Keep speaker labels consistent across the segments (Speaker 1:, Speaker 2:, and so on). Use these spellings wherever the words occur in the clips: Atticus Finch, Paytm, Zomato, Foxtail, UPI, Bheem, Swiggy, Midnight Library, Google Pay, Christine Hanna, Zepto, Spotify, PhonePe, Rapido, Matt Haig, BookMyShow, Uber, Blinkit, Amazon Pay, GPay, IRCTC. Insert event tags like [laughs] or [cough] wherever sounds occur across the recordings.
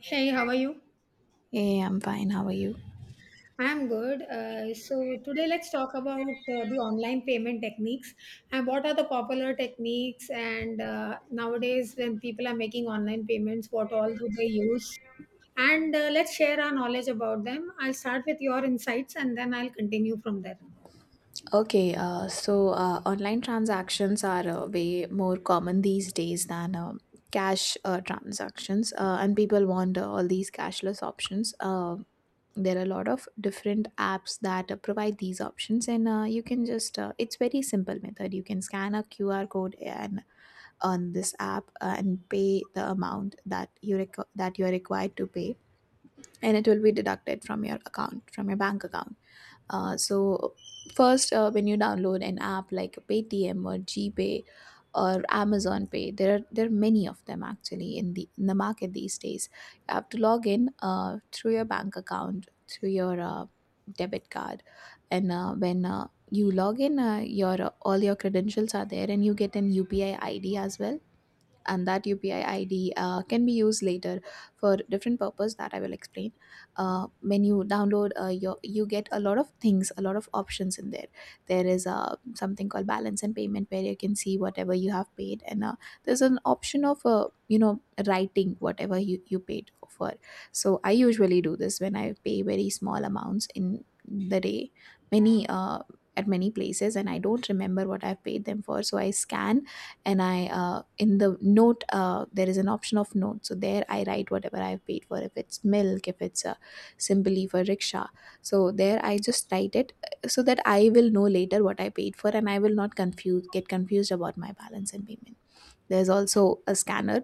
Speaker 1: Hey, how are you?
Speaker 2: Hey, I'm fine. How are you?
Speaker 1: I'm good. So today let's talk about the online payment techniques and what are the popular techniques, and nowadays when people are making online payments, what all do they use? And let's share our knowledge about them. I'll start with your insights and then I'll continue from there.
Speaker 2: Okay, online transactions are way more common these days than cash transactions, and people want all these cashless options. There are a lot of different apps that provide these options, and you can just it's very simple method. You can scan a QR code and on this app and pay the amount that that you are required to pay, and it will be deducted from your bank account. Uh, so First, when you download an app like Paytm or GPay or Amazon Pay, there are many of them actually in the market these days. You have to log in through your bank account through your debit card, and when you log in, your all your credentials are there, and you get an UPI ID as well, and that UPI ID can be used later for different purpose that I will explain. When you download, you get a lot of things, a lot of options in there. There is something called balance and payment where you can see whatever you have paid, and there's an option of writing whatever you paid for. So I usually do this when I pay very small amounts in the day, many at many places, and I don't remember what I've paid them for. So I scan, and I in the note, there is an option of note, so there I write whatever I've paid for, if it's milk, if it's simply for rickshaw, so there I just write it, so that I will know later what I paid for, and I will not confuse get confused about my balance and payment. There's also a scanner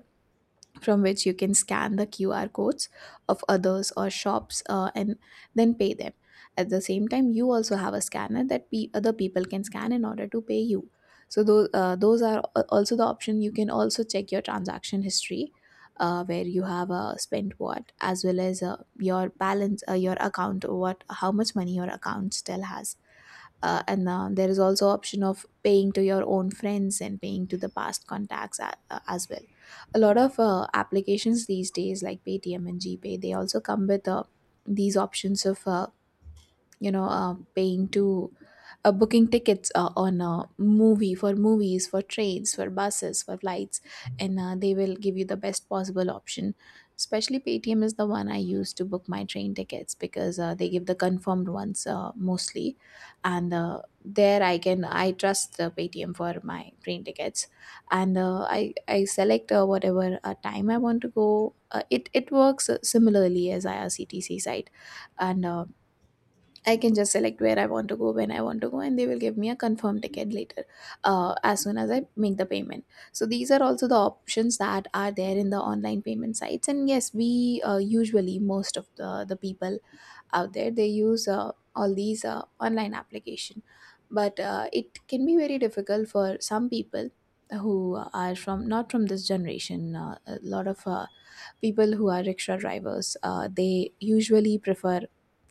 Speaker 2: from which you can scan the QR codes of others or shops, and then pay them. At the same time, you also have a scanner that other people can scan in order to pay you. So those are also the option. You can also check your transaction history, where you have spent what, as well as your balance, how much money your account still has, and there is also option of paying to your own friends and paying to the past contacts, as well. A lot of applications these days like Paytm and GPay, they also come with these options of paying to, booking tickets, on a movie for movies, for trains, for buses, for flights, and they will give you the best possible option. Especially Paytm is the one I use to book my train tickets, because they give the confirmed ones mostly, and there I can I trust the Paytm for my train tickets. And I select whatever time I want to go. It it works similarly as IRCTC site, and I can just select where I want to go, when I want to go, and they will give me a confirmed ticket later, as soon as I make the payment. So these are also the options that are there in the online payment sites. And yes, we usually most of the people out there, they use all these online application, but it can be very difficult for some people who are from not from this generation. A lot of people who are rickshaw drivers, they usually prefer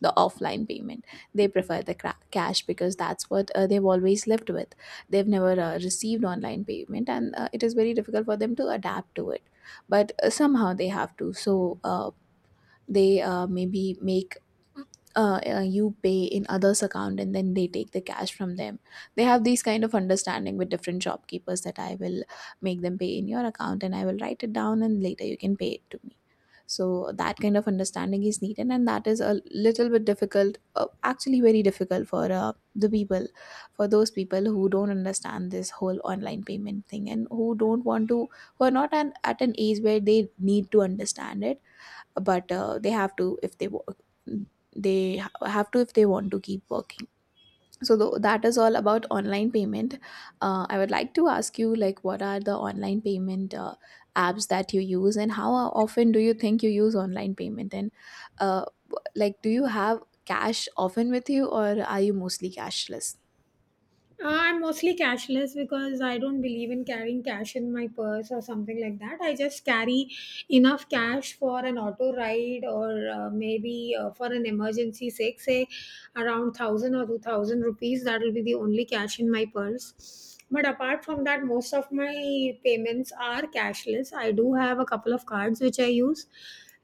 Speaker 2: the offline payment. They prefer the cash, because that's what they've always lived with. They've never received online payment, and it is very difficult for them to adapt to it. But somehow they have to. So they maybe make you pay in others account, and then they take the cash from them. They have these kind of understanding with different shopkeepers that I will make them pay in your account, and I will write it down, and later you can pay it to me. So that kind of understanding is needed, and that is a little bit difficult, actually very difficult for the people, for those people who don't understand this whole online payment thing and who don't want to, who are not at an age where they need to understand it. But they have to if they work. Have to if they want to keep working. So that is all about online payment. I would like to ask you, like, what are the online payment apps that you use, and how often do you think you use online payment? And uh, like, do you have cash often with you, or are you mostly cashless?
Speaker 1: I'm mostly cashless because I don't believe in carrying cash in my purse or something like that. I just carry enough cash for an auto ride, or maybe for an emergency sake. Say around 1000 or 2000 rupees, that will be the only cash in my purse. But apart from that, most of my payments are cashless. I do have a couple of cards which I use,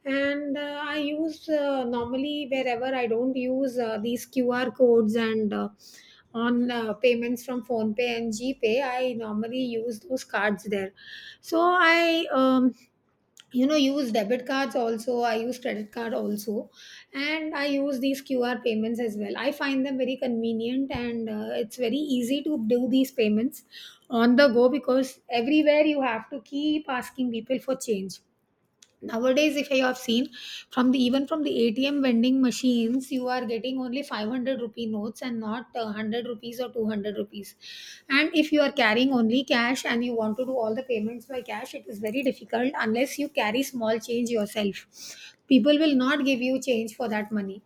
Speaker 1: and I use, normally, wherever I don't use these QR codes and on payments from phone pay and gpay, I normally use those cards there. So I you know, use debit cards. Also, I use credit card also, and I use these QR payments as well. I find them very convenient, and it's very easy to do these payments on the go, because everywhere you have to keep asking people for change. Nowadays, if I have seen, from the, even from the ATM vending machines, you are getting only 500 rupee notes and not 100 rupees or 200 rupees. And if you are carrying only cash and you want to do all the payments by cash, it is very difficult unless you carry small change yourself. People will not give you change for that money.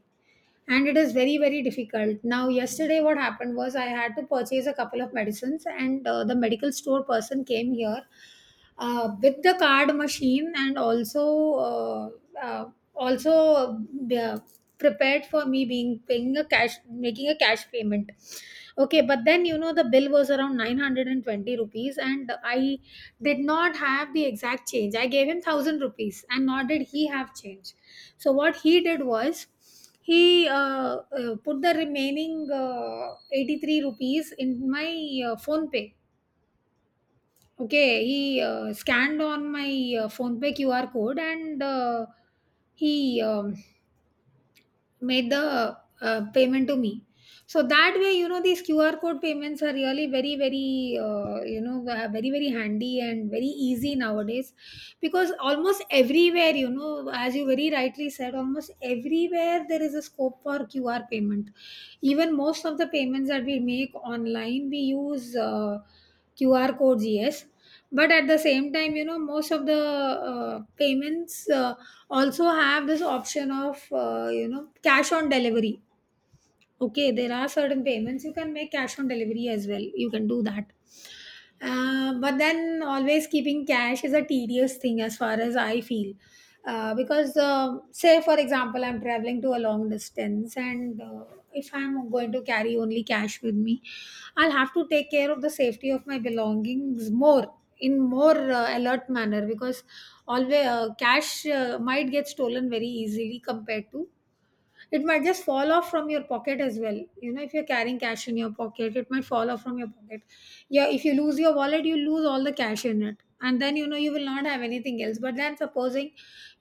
Speaker 1: And it is very, very difficult. Now, yesterday, what happened was I had to purchase a couple of medicines, and the medical store person came here with the card machine, and also prepared for me being paying a cash making a cash payment. Okay, but then, you know, the bill was around 920 rupees, and I did not have the exact change. I gave him 1000 rupees, and nor did he have change. So what he did was, he put the remaining 83 rupees in my phone pay. Okay, he scanned on my PhonePe QR code, and he made the payment to me. So that way, you know, these QR code payments are really very, very handy and very easy nowadays, because almost everywhere, you know, as you very rightly said, almost everywhere there is a scope for QR payment. Even most of the payments that we make online, we use QR codes, yes. But at the same time, you know, most of the payments also have this option of, you know, cash on delivery. Okay, there are certain payments you can make cash on delivery as well. You can do that. But then always keeping cash is a tedious thing, as far as I feel. Because, say, for example, I'm traveling to a long distance, and if I'm going to carry only cash with me, I'll have to take care of the safety of my belongings more, in more alert manner, because always cash might get stolen very easily. Compared to, it might just fall off from your pocket as well. You know, if you're carrying cash in your pocket, it might fall off from your pocket. Yeah, if you lose your wallet, you lose all the cash in it, and then, you know, you will not have anything else. But then, supposing,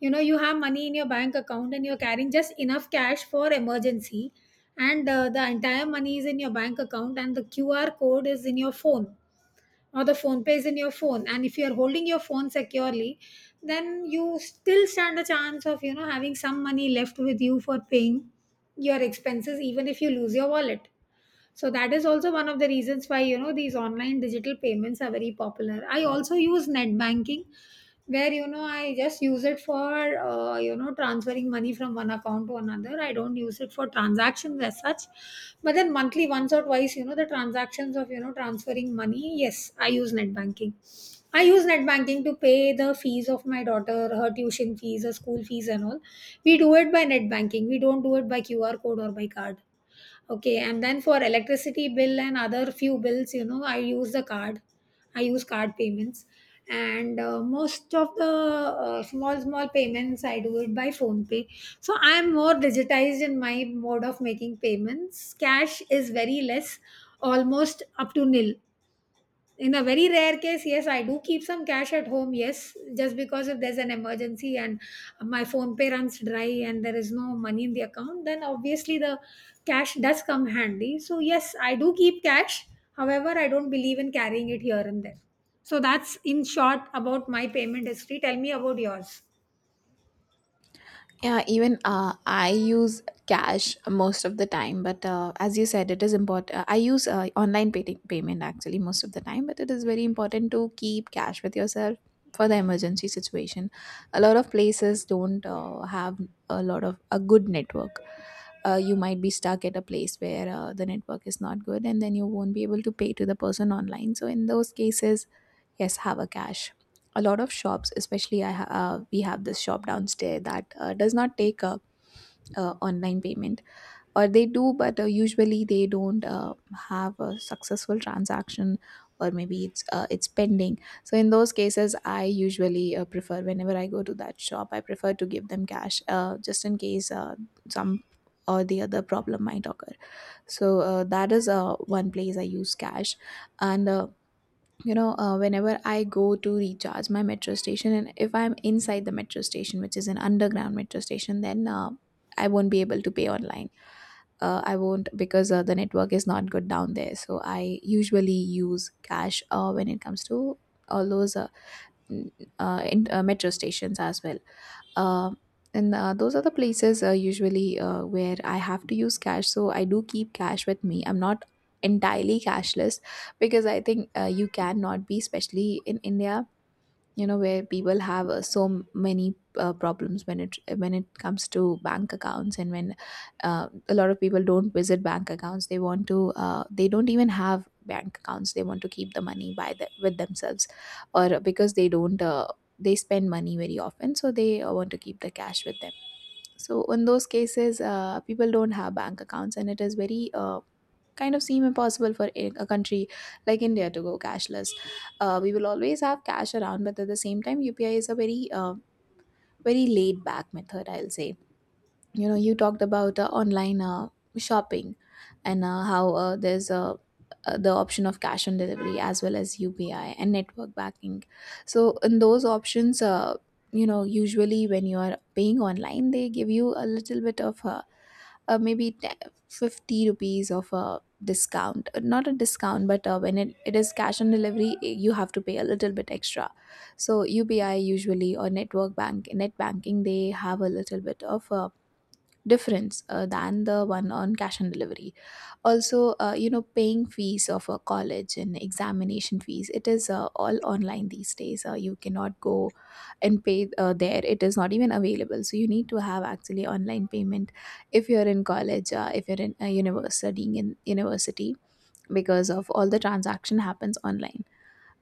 Speaker 1: you know, you have money in your bank account and you're carrying just enough cash for emergency, and the entire money is in your bank account and the QR code is in your phone, or the phone pay is in your phone, and if you are holding your phone securely, then you still stand a chance of, you know, having some money left with you for paying your expenses, even if you lose your wallet. So that is also one of the reasons why, you know, these online digital payments are very popular. I also use net banking, where, you know, I just use it for, you know, transferring money from one account to another. I don't use it for transactions as such. But then monthly once or twice, you know, the transactions of, you know, transferring money, yes, I use net banking. I use net banking to pay the fees of my daughter, her tuition fees, her school fees and all. We do it by net banking. We don't do it by QR code or by card. Okay, and then for electricity bill and other few bills, you know, I use the card. I use card payments, and most of the small small payments, I do it by phone pay. So I am more digitized in my mode of making payments. Cash is very less, almost up to nil. In a very rare case, yes, I do keep some cash at home. Yes, just because if there's an emergency and my phone pay runs dry and there is no money in the account, then obviously the cash does come handy. So yes, I do keep cash. However, I don't believe in carrying it here and there. So that's in short about my payment history. Tell me about yours.
Speaker 2: Yeah, even I use cash most of the time, but as you said, it is important. I use payment actually most of the time, but it is very important to keep cash with yourself for the emergency situation. A lot of places don't have a lot of a good network. You might be stuck at a place where the network is not good, and then you won't be able to pay to the person online. So in those cases, yes, have a cash. A lot of shops, especially we have this shop downstairs that does not take a online payment, or they do, but usually they don't have a successful transaction, or maybe it's pending. So in those cases, I usually prefer whenever I go to that shop, I prefer to give them cash, just in case some or the other problem might occur. So that is one place I use cash, and whenever I go to recharge my metro station, and if I'm inside the metro station, which is an underground metro station, then I won't be able to pay online. I won't, because the network is not good down there, so I usually use cash when it comes to all those n- metro stations as well. Uh, and Those are the places usually where I have to use cash, so I do keep cash with me. I'm not entirely cashless, because I think you cannot be, especially in India, you know, where people have so many problems when it comes to bank accounts, and when a lot of people don't visit bank accounts, they want to, they don't even have bank accounts, they want to keep the money with themselves, or because they don't they spend money very often, so they want to keep the cash with them. So in those cases, people don't have bank accounts, and it is very kind of seem impossible for a country like India to go cashless. We will always have cash around, but at the same time, UPI is a very very laid back method, I'll say. You know, you talked about online shopping and how there's a the option of cash on delivery as well as UPI and network banking. So in those options, you know, usually when you are paying online, they give you a little bit of maybe 10, 50 rupees of a discount. Not a discount, but when it is cash on delivery, eh, you have to pay a little bit extra. So UPI usually or network bank, net banking, they have a little bit of difference than the one on cash on delivery. Also, paying fees of a college and examination fees, it is all online these days. You cannot go and pay there, it is not even available, so you need to have actually online payment if you're in college, if you're in a university, studying in university, because of all the transaction happens online.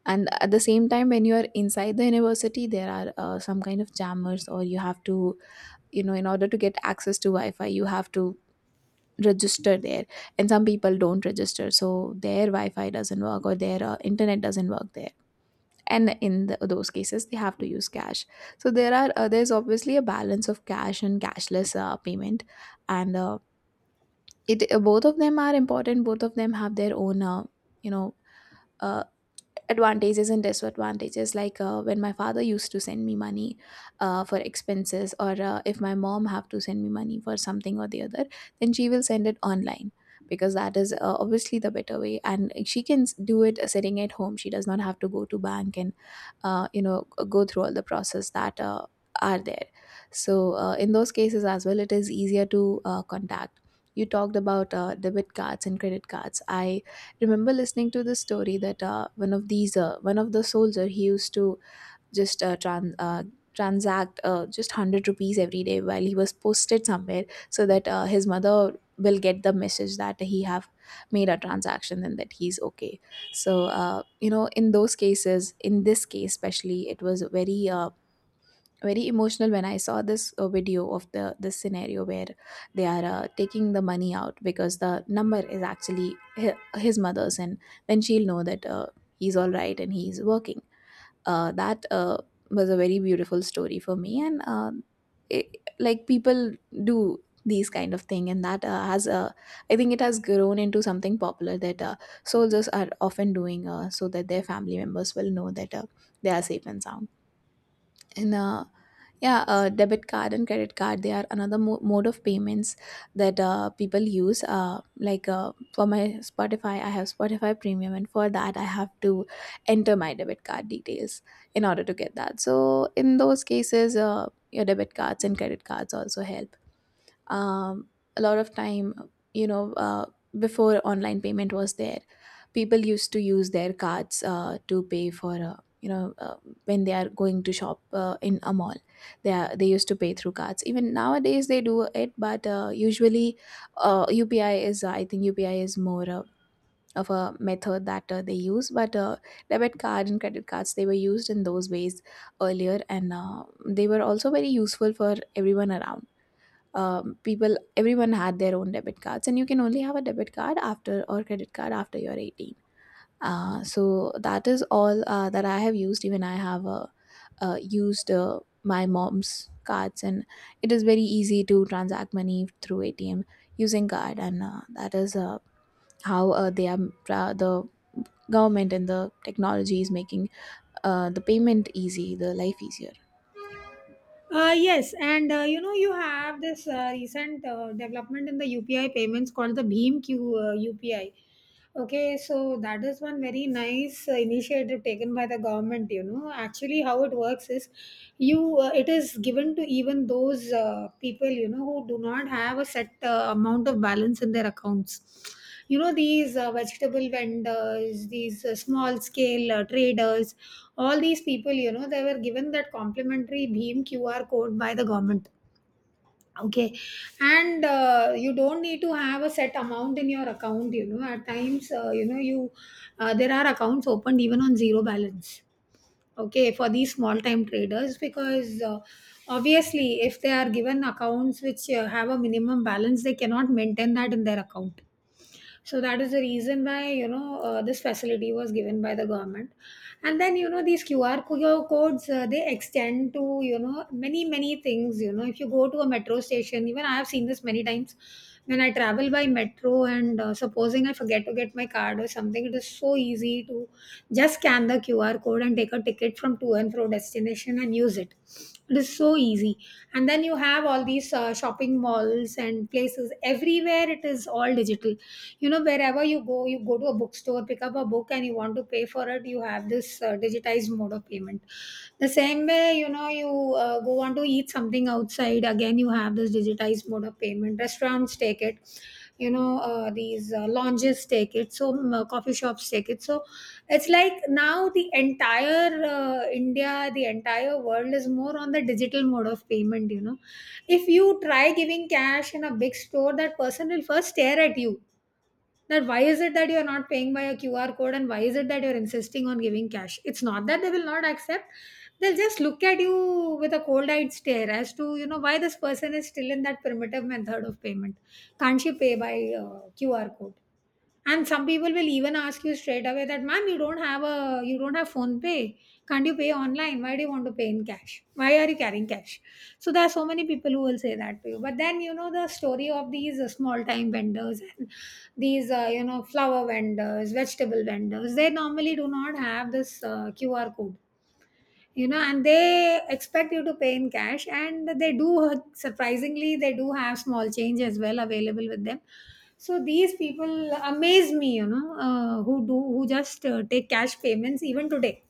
Speaker 2: And at the same time, when you are inside the university, there are some kind of jammers, or you have to, you know, in order to get access to wi-fi, you have to register there. And some people don't register, so their wi-fi doesn't work or their internet doesn't work there. And in those cases, they have to use cash. So there are there's obviously a balance of cash and cashless payment. And it Both of them are important. Both of them have their own, you know uh, advantages and disadvantages. Like, when my father used to send me money for expenses, or if my mom have to send me money for something or the other, then she will send it online, because that is obviously the better way, and she can do it sitting at home. She does not have to go to bank and go through all the process that are there. So in those cases as well, it is easier to contact. You talked about debit cards and credit cards. I remember listening to this story that, one of the soldier, he used to just transact just 100 rupees every day while he was posted somewhere, so that his mother will get the message that he have made a transaction and that he's okay. So, in those cases, in this case especially, it was very very emotional when I saw this video of the this scenario where they are taking the money out, because the number is actually his mother's, and then she'll know that he's all right and he's working. That was a very beautiful story for me, and it, like, people do these kind of thing, and that has I think it has grown into something popular, that soldiers are often doing, so that their family members will know that they are safe and sound. And uh, yeah, Debit card and credit card, they are another mode of payments that people use. Like, for my Spotify, I have Spotify Premium, and for that, I have to enter my debit card details in order to get that. So, in those cases, your debit cards and credit cards also help um, a lot of time. you know uh, Before online payment was there, people used to use their cards to pay for, when they are going to shop in a mall. They used to pay through cards. Even nowadays they do it, but usually UPI is more of a method that they use. But debit card and credit cards, they were used in those ways earlier, and they were also very useful for everyone around. People Everyone had their own debit cards, and you can only have a debit card after, or credit card after, you're 18. So that is all that I have used. Even I have used my mom's cards, and it is very easy to transact money through atm using card. And that is how they are the government and the technology is making the payment easy, the life easier.
Speaker 1: Yes, and you know, you have this recent development in the UPI payments called the Bheem Q UPI. Okay, so that is one very nice initiative taken by the government. You know, actually, how it works is, you it is given to even those people, you know, who do not have a set amount of balance in their accounts. You know, these vegetable vendors, these small scale traders, all these people, you know, they were given that complimentary Bheem QR code by the government. Okay, and you don't need to have a set amount in your account. You know, at times, you know, you there are accounts opened even on zero balance. Okay, for these small time traders, because obviously, if they are given accounts which have a minimum balance, they cannot maintain that in their account. So that is the reason why, you know, this facility was given by the government. And then, you know, these codes, they extend to, you know, many, many things. You know, if you go to a metro station, even I have seen this many times when I travel by metro, and supposing I forget to get my card or something, it is so easy to just scan the QR code and take a ticket from to and fro destination and use it. It is so easy. And then you have all these shopping malls and places, everywhere it is all digital. You know, wherever you go, you go to a bookstore, pick up a book, and you want to pay for it, you have this digitized mode of payment. The same way, you know, you go on to eat something outside, again you have this digitized mode of payment. Restaurants take it, you know, these lounges take it, so coffee shops take it. So it's like now the entire India, the entire world is more on the digital mode of payment, you know. If you try giving cash in a big store, that person will first stare at you. That why is it that you're not paying by a QR code, and why is it that you're insisting on giving cash? It's not that they will not accept. They'll just look at you with a cold-eyed stare, as to, you know, why this person is still in that primitive method of payment. Can't she pay by QR code? And some people will even ask you straight away that ma'am, you don't have phone pay? Can't you pay online? Why do you want to pay in cash? Why are you carrying cash? So there are so many people who will say that to you. But then, you know, the story of these small time vendors and these you know, flower vendors, vegetable vendors, they normally do not have this QR code, you know, and they expect you to pay in cash. And they do, surprisingly, they do have small change as well available with them. So these people amaze me, you know, who just take cash payments even today.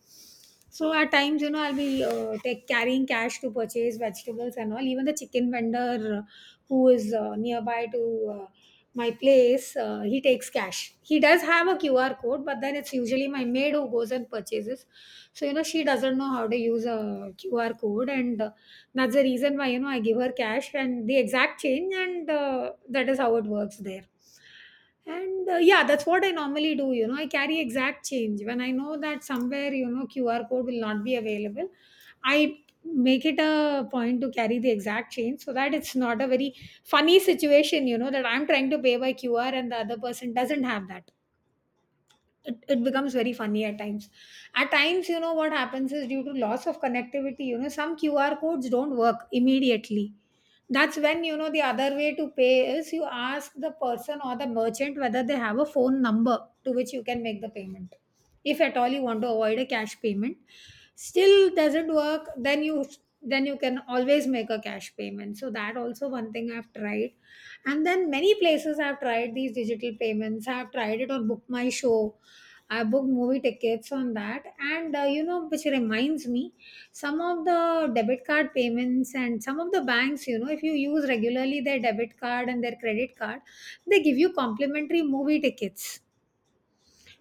Speaker 1: So at times, you know, I'll be take carrying cash to purchase vegetables and all. Even the chicken vendor who is nearby to my place, he takes cash. He does have a QR code, but then it's usually my maid who goes and purchases. So you know, she doesn't know how to use a QR code, and that's the reason why you know I give her cash and the exact change, and that is how it works there. And yeah, that's what I normally do. You know, I carry exact change. When I know that somewhere, you know, QR code will not be available, I make it a point to carry the exact change so that it's not a very funny situation, you know, that I'm trying to pay by QR and the other person doesn't have that. It becomes very funny at times. At times, you know, what happens is due to loss of connectivity, you know, some QR codes don't work immediately. That's when, you know, the other way to pay is you ask the person or the merchant whether they have a phone number to which you can make the payment, if at all you want to avoid a cash payment. Still doesn't work, then you can always make a cash payment. So that also one thing I've tried. And then many places I have tried these digital payments. I've tried it on Book My Show. I booked movie tickets on that, and you know, which reminds me, some of the debit card payments and some of the banks, you know, if you use regularly their debit card and their credit card, they give you complimentary movie tickets,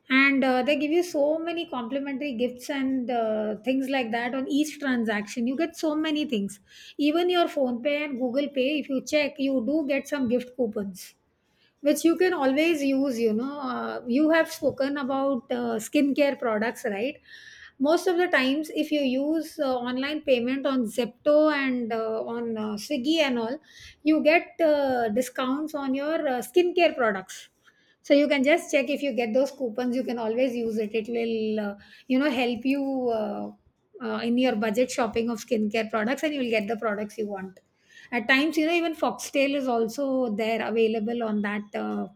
Speaker 1: and they give you so many complimentary gifts and things like that on each transaction. You get so many things, even your Phone Pay and Google Pay. If you check, you do get some gift coupons which you can always use. You know, you have spoken about skincare products, right? Most of the times, if you use online payment on Zepto and on Swiggy and all, you get discounts on your skincare products. So you can just check. If you get those coupons, you can always use it. It will, you know, help you in your budget shopping of skincare products, and you will get the products you want. At times, you know, even Foxtail is also there, available on that.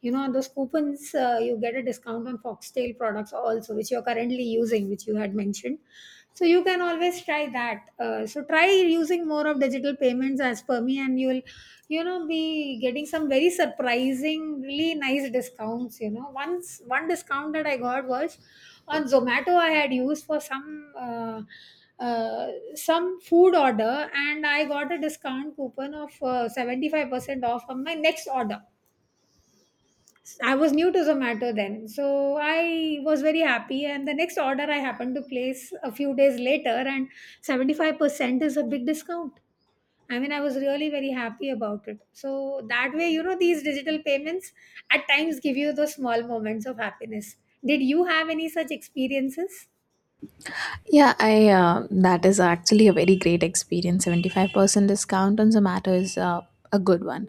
Speaker 1: You know, those coupons, you get a discount on Foxtail products also, which you're currently using, which you had mentioned. So you can always try that. So try using more of digital payments, as per me, and you'll, you know, be getting some very surprisingly nice discounts. You know, once one discount that I got was on Zomato. I had used for uh, some food order, and I got a discount coupon of 75% off on my next order. I was new to Zomato then, so I was very happy. And the next order I happened to place a few days later, and 75% is a big discount. I mean, I was really very happy about it. So that way, you know, these digital payments at times give you those small moments of happiness. Did you have any such experiences?
Speaker 2: Yeah, I, that is actually a very great experience. 75% discount on Zomato is a good one.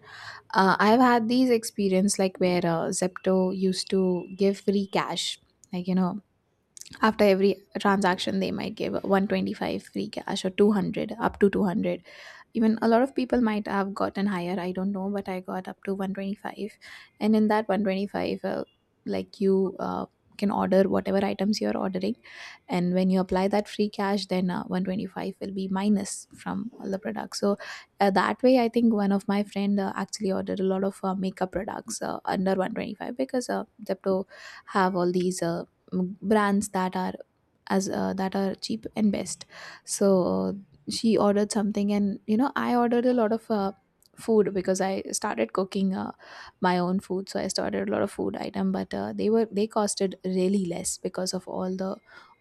Speaker 2: I've had these experience, like, where Zepto used to give free cash. Like, you know, after every transaction, they might give 125 free cash, or 200, up to 200. Even a lot of people might have gotten higher, I don't know, but I got up to 125. And in that 125, like you can order whatever items you're ordering, and when you apply that free cash, then 125 will be minus from all the products. So that way, I think one of my friend actually ordered a lot of makeup products under 125, because Zepto have all these brands that are, as that are cheap and best. So, uh, she ordered something, and you know, I ordered a lot of food, because I started cooking my own food. So I started a lot of food item, but they costed really less, because of all the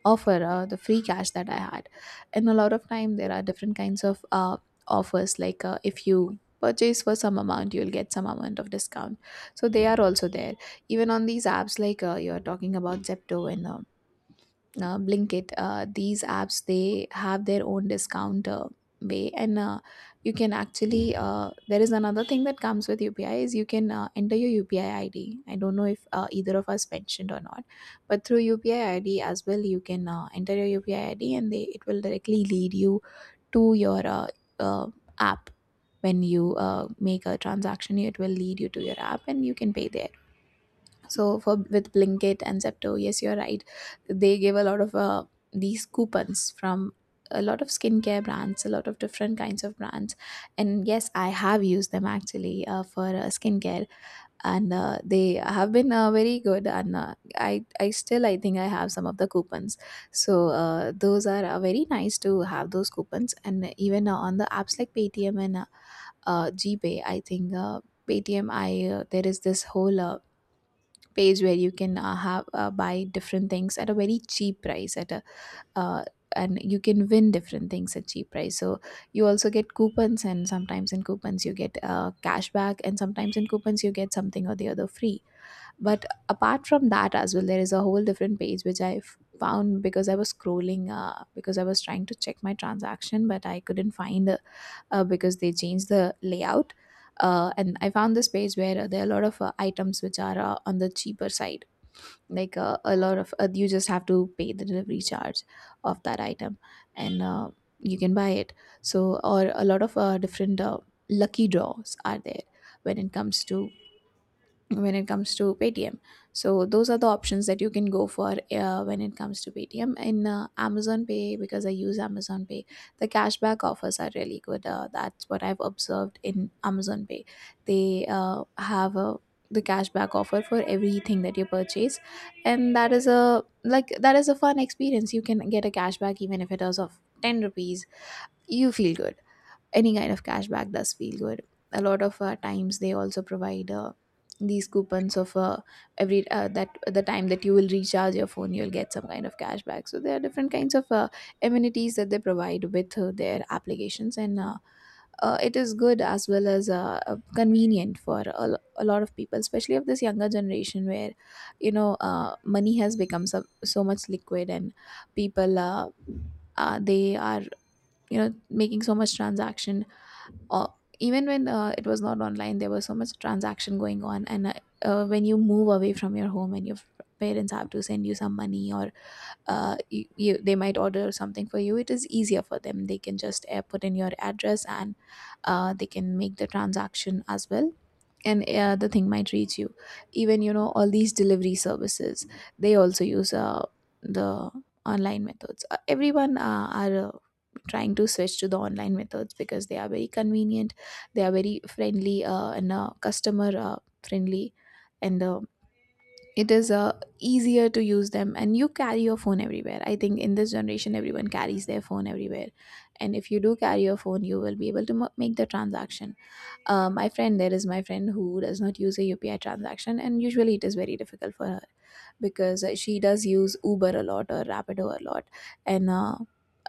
Speaker 2: offer, the free cash that I had. And a lot of time there are different kinds of offers, like, if you purchase for some amount, you'll get some amount of discount. So they are also there. Even on these apps, like, you're talking about Zepto and Blinkit, these apps, they have their own discount way. And you can actually there is another thing that comes with UPI, is you can enter your UPI ID. I don't know if either of us mentioned or not, but through UPI ID as well, you can enter your UPI ID, and they it will directly lead you to your uh, app. When you make a transaction, it will lead you to your app, and you can pay there. So for, with Blinkit and Zepto, yes, you're right. They give a lot of these coupons from a lot of skincare brands, a lot of different kinds of brands, and yes, I have used them, actually, for skincare, and they have been very good. And I still, I think I have some of the coupons. So those are very nice to have those coupons. And even on the apps like Paytm and GPay, I think Paytm, I there is this whole page where you can have buy different things at a very cheap price, at a uh, and you can win different things at cheap price. So you also get coupons, and sometimes in coupons you get cash back, and sometimes in coupons you get something or the other free. But apart from that as well, there is a whole different page, which I found because I was scrolling, because I was trying to check my transaction, but I couldn't find because they changed the layout. And I found this page where, there are a lot of items which are on the cheaper side. Like, a lot of you just have to pay the delivery charge of that item, and you can buy it. So, or a lot of different lucky draws are there, when it comes to when it comes to Paytm. So those are the options that you can go for when it comes to Paytm. In Amazon Pay, because I use Amazon Pay, the cashback offers are really good. That's what I've observed in Amazon Pay. They have a, the cashback offer for everything that you purchase, and that is a, like, that is a fun experience. You can get a cashback even if it is of 10 rupees. You feel good. Any kind of cashback does feel good. A lot of times they also provide these coupons of, every that the time that you will recharge your phone, you'll get some kind of cashback. So there are different kinds of amenities that they provide with their applications. And it is good, as well as convenient for a, a lot of people, especially of this younger generation, where you know, money has become so, so much liquid, and people, they are, you know, making so much transaction. Or Even when it was not online, there was so much transaction going on. And when you move away from your home, and your parents have to send you some money, or you, they might order something for you, it is easier for them. They can just put in your address, and they can make the transaction as well, and the thing might reach you. Even, you know, all these delivery services, they also use the online methods. Everyone are trying to switch to the online methods, because they are very convenient, they are very friendly, and customer friendly. And it is easier to use them. And you carry your phone everywhere, I think in this generation everyone carries their phone everywhere, and if you do carry your phone, you will be able to make the transaction. My friend, who does not use a UPI transaction, and usually it is very difficult for her, because she does use Uber a lot, or Rapido a lot, and uh,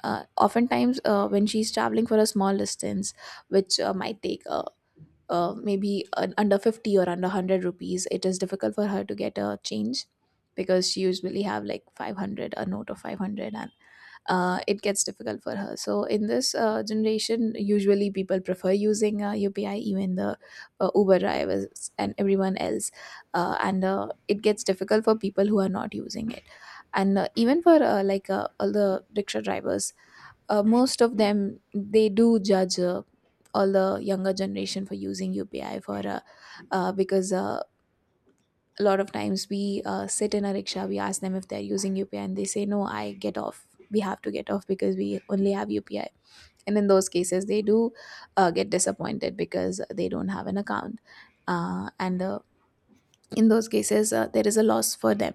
Speaker 2: uh, oftentimes, when she's traveling for a small distance, which might take maybe under 50 or under 100 rupees, it is difficult for her to get a change, because she usually have like 500, a note of 500. And it gets difficult for her. So in this generation, usually people prefer using UPI, even the Uber drivers and everyone else. And It gets difficult for people who are not using it. And even for like all the rickshaw drivers, most of them, they do judge all the younger generation for using UPI, for because a lot of times we sit in a rickshaw, we ask them if they're using UPI, and they say no, I get off we have to get off, because we only have UPI. And in those cases, they do get disappointed because they don't have an account. And In those cases, there is a loss for them.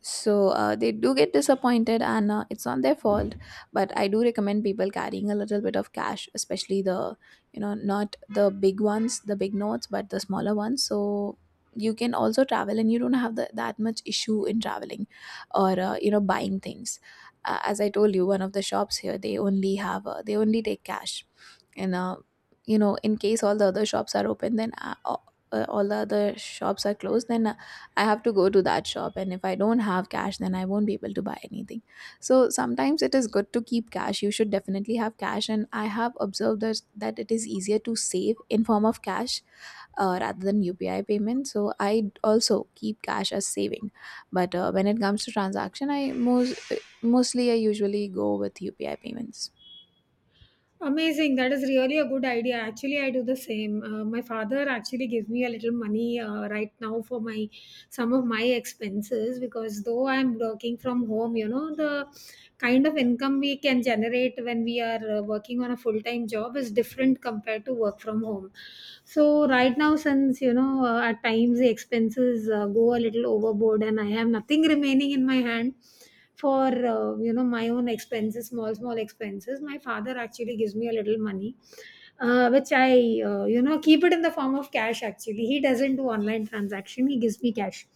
Speaker 2: So they do get disappointed, and it's not their fault. But I do recommend people carrying a little bit of cash, especially the, you know, not the big ones, the big notes, but the smaller ones, so you can also travel and you don't have that much issue in traveling, or buying things. As I told you, one of the shops here, they only have they only take cash. And you know, in case all the other shops are open then all the other shops are closed, then I have to go to that shop, and if I don't have cash, then I won't be able to buy anything. So sometimes it is good to keep cash. You should definitely have cash, and I have observed that, that it is easier to save in form of cash rather than UPI payment. So I also keep cash as saving. But when it comes to transaction, I most mostly I usually go with UPI payments.
Speaker 1: Amazing. That is really a good idea. Actually, I do the same. My father actually gives me a little money right now for my some of my expenses, because though I'm working from home, you know, the kind of income we can generate when we are working on a full time job is different compared to work from home. So right now, since, you know, at times the expenses go a little overboard, and I have nothing [laughs] remaining in my hand for you know, my own expenses, small small expenses, my father actually gives me a little money, which I, you know, keep it in the form of cash actually. He doesn't do online transaction, he gives me cash.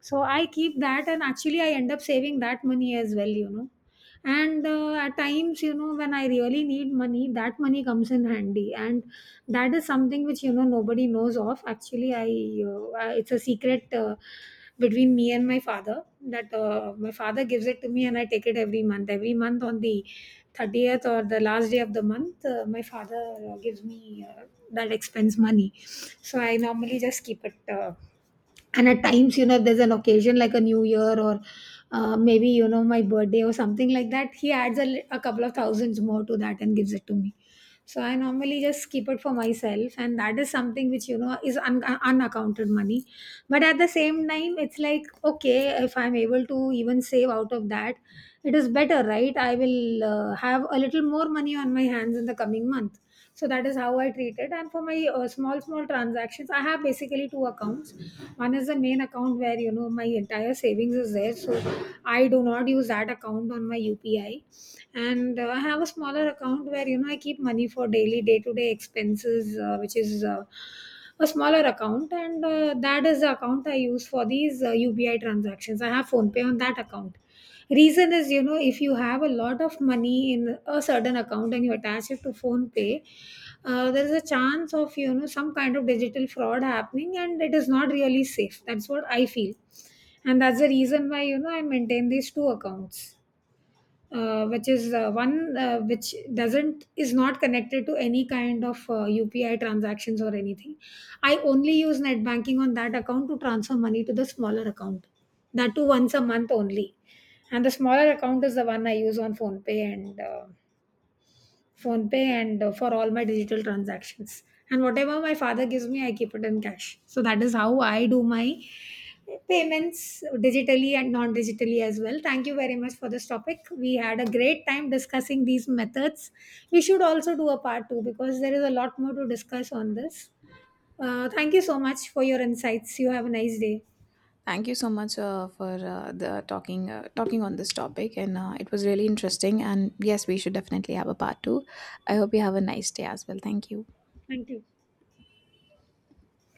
Speaker 1: So I keep that, and actually I end up saving that money as well, you know. And at times, you know, when I really need money, that money comes in handy. And that is something which, you know, nobody knows of. Actually, it's a secret. Between me and my father that my father gives it to me, and I take it every month. Every month on the 30th or the last day of the month, my father gives me that expense money. So I normally just keep it. And at times, you know, if there's an occasion like a new year or maybe, you know, my birthday or something like that, he adds a, a couple of thousands more to that and gives it to me. So I normally just keep it for myself, and that is something which, you know, is unaccounted money. But at the same time it's like okay, if I'm able to even save out of that, it is better, right? I will have a little more money on my hands in the coming month. So that is how I treat it. And for my small small transactions, I have basically two accounts. One is the main account where, you know, my entire savings is there, so I do not use that account on my UPI. And I have a smaller account where, you know, I keep money for daily day to day expenses, which is a smaller account, and that is the account I use for these ubi transactions. I have Phone Pay on that account. Reason is, you know, if you have a lot of money in a certain account and you attach it to Phone Pay, there is a chance of, you know, some kind of digital fraud happening, and it is not really safe, that's what I feel. And that's the reason why, you know, I maintain these two accounts, which is one which doesn't is not connected to any kind of UPI transactions or anything. I only use net banking on that account to transfer money to the smaller account. That too once a month only, and the smaller account is the one I use on PhonePe and Phone pay and for all my digital transactions. And whatever my father gives me, I keep it in cash. So that is how I do my payments digitally and non digitally as well. Thank you very much for this topic. We had a great time discussing these methods. We should also do a part two because there is a lot more to discuss on this. Thank you so much for your insights. You have a nice day.
Speaker 2: Thank you so much for the talking talking on this topic, and it was really interesting. And yes, we should definitely have a part 2. I hope you have a nice day as well. Thank you.
Speaker 1: Thank you.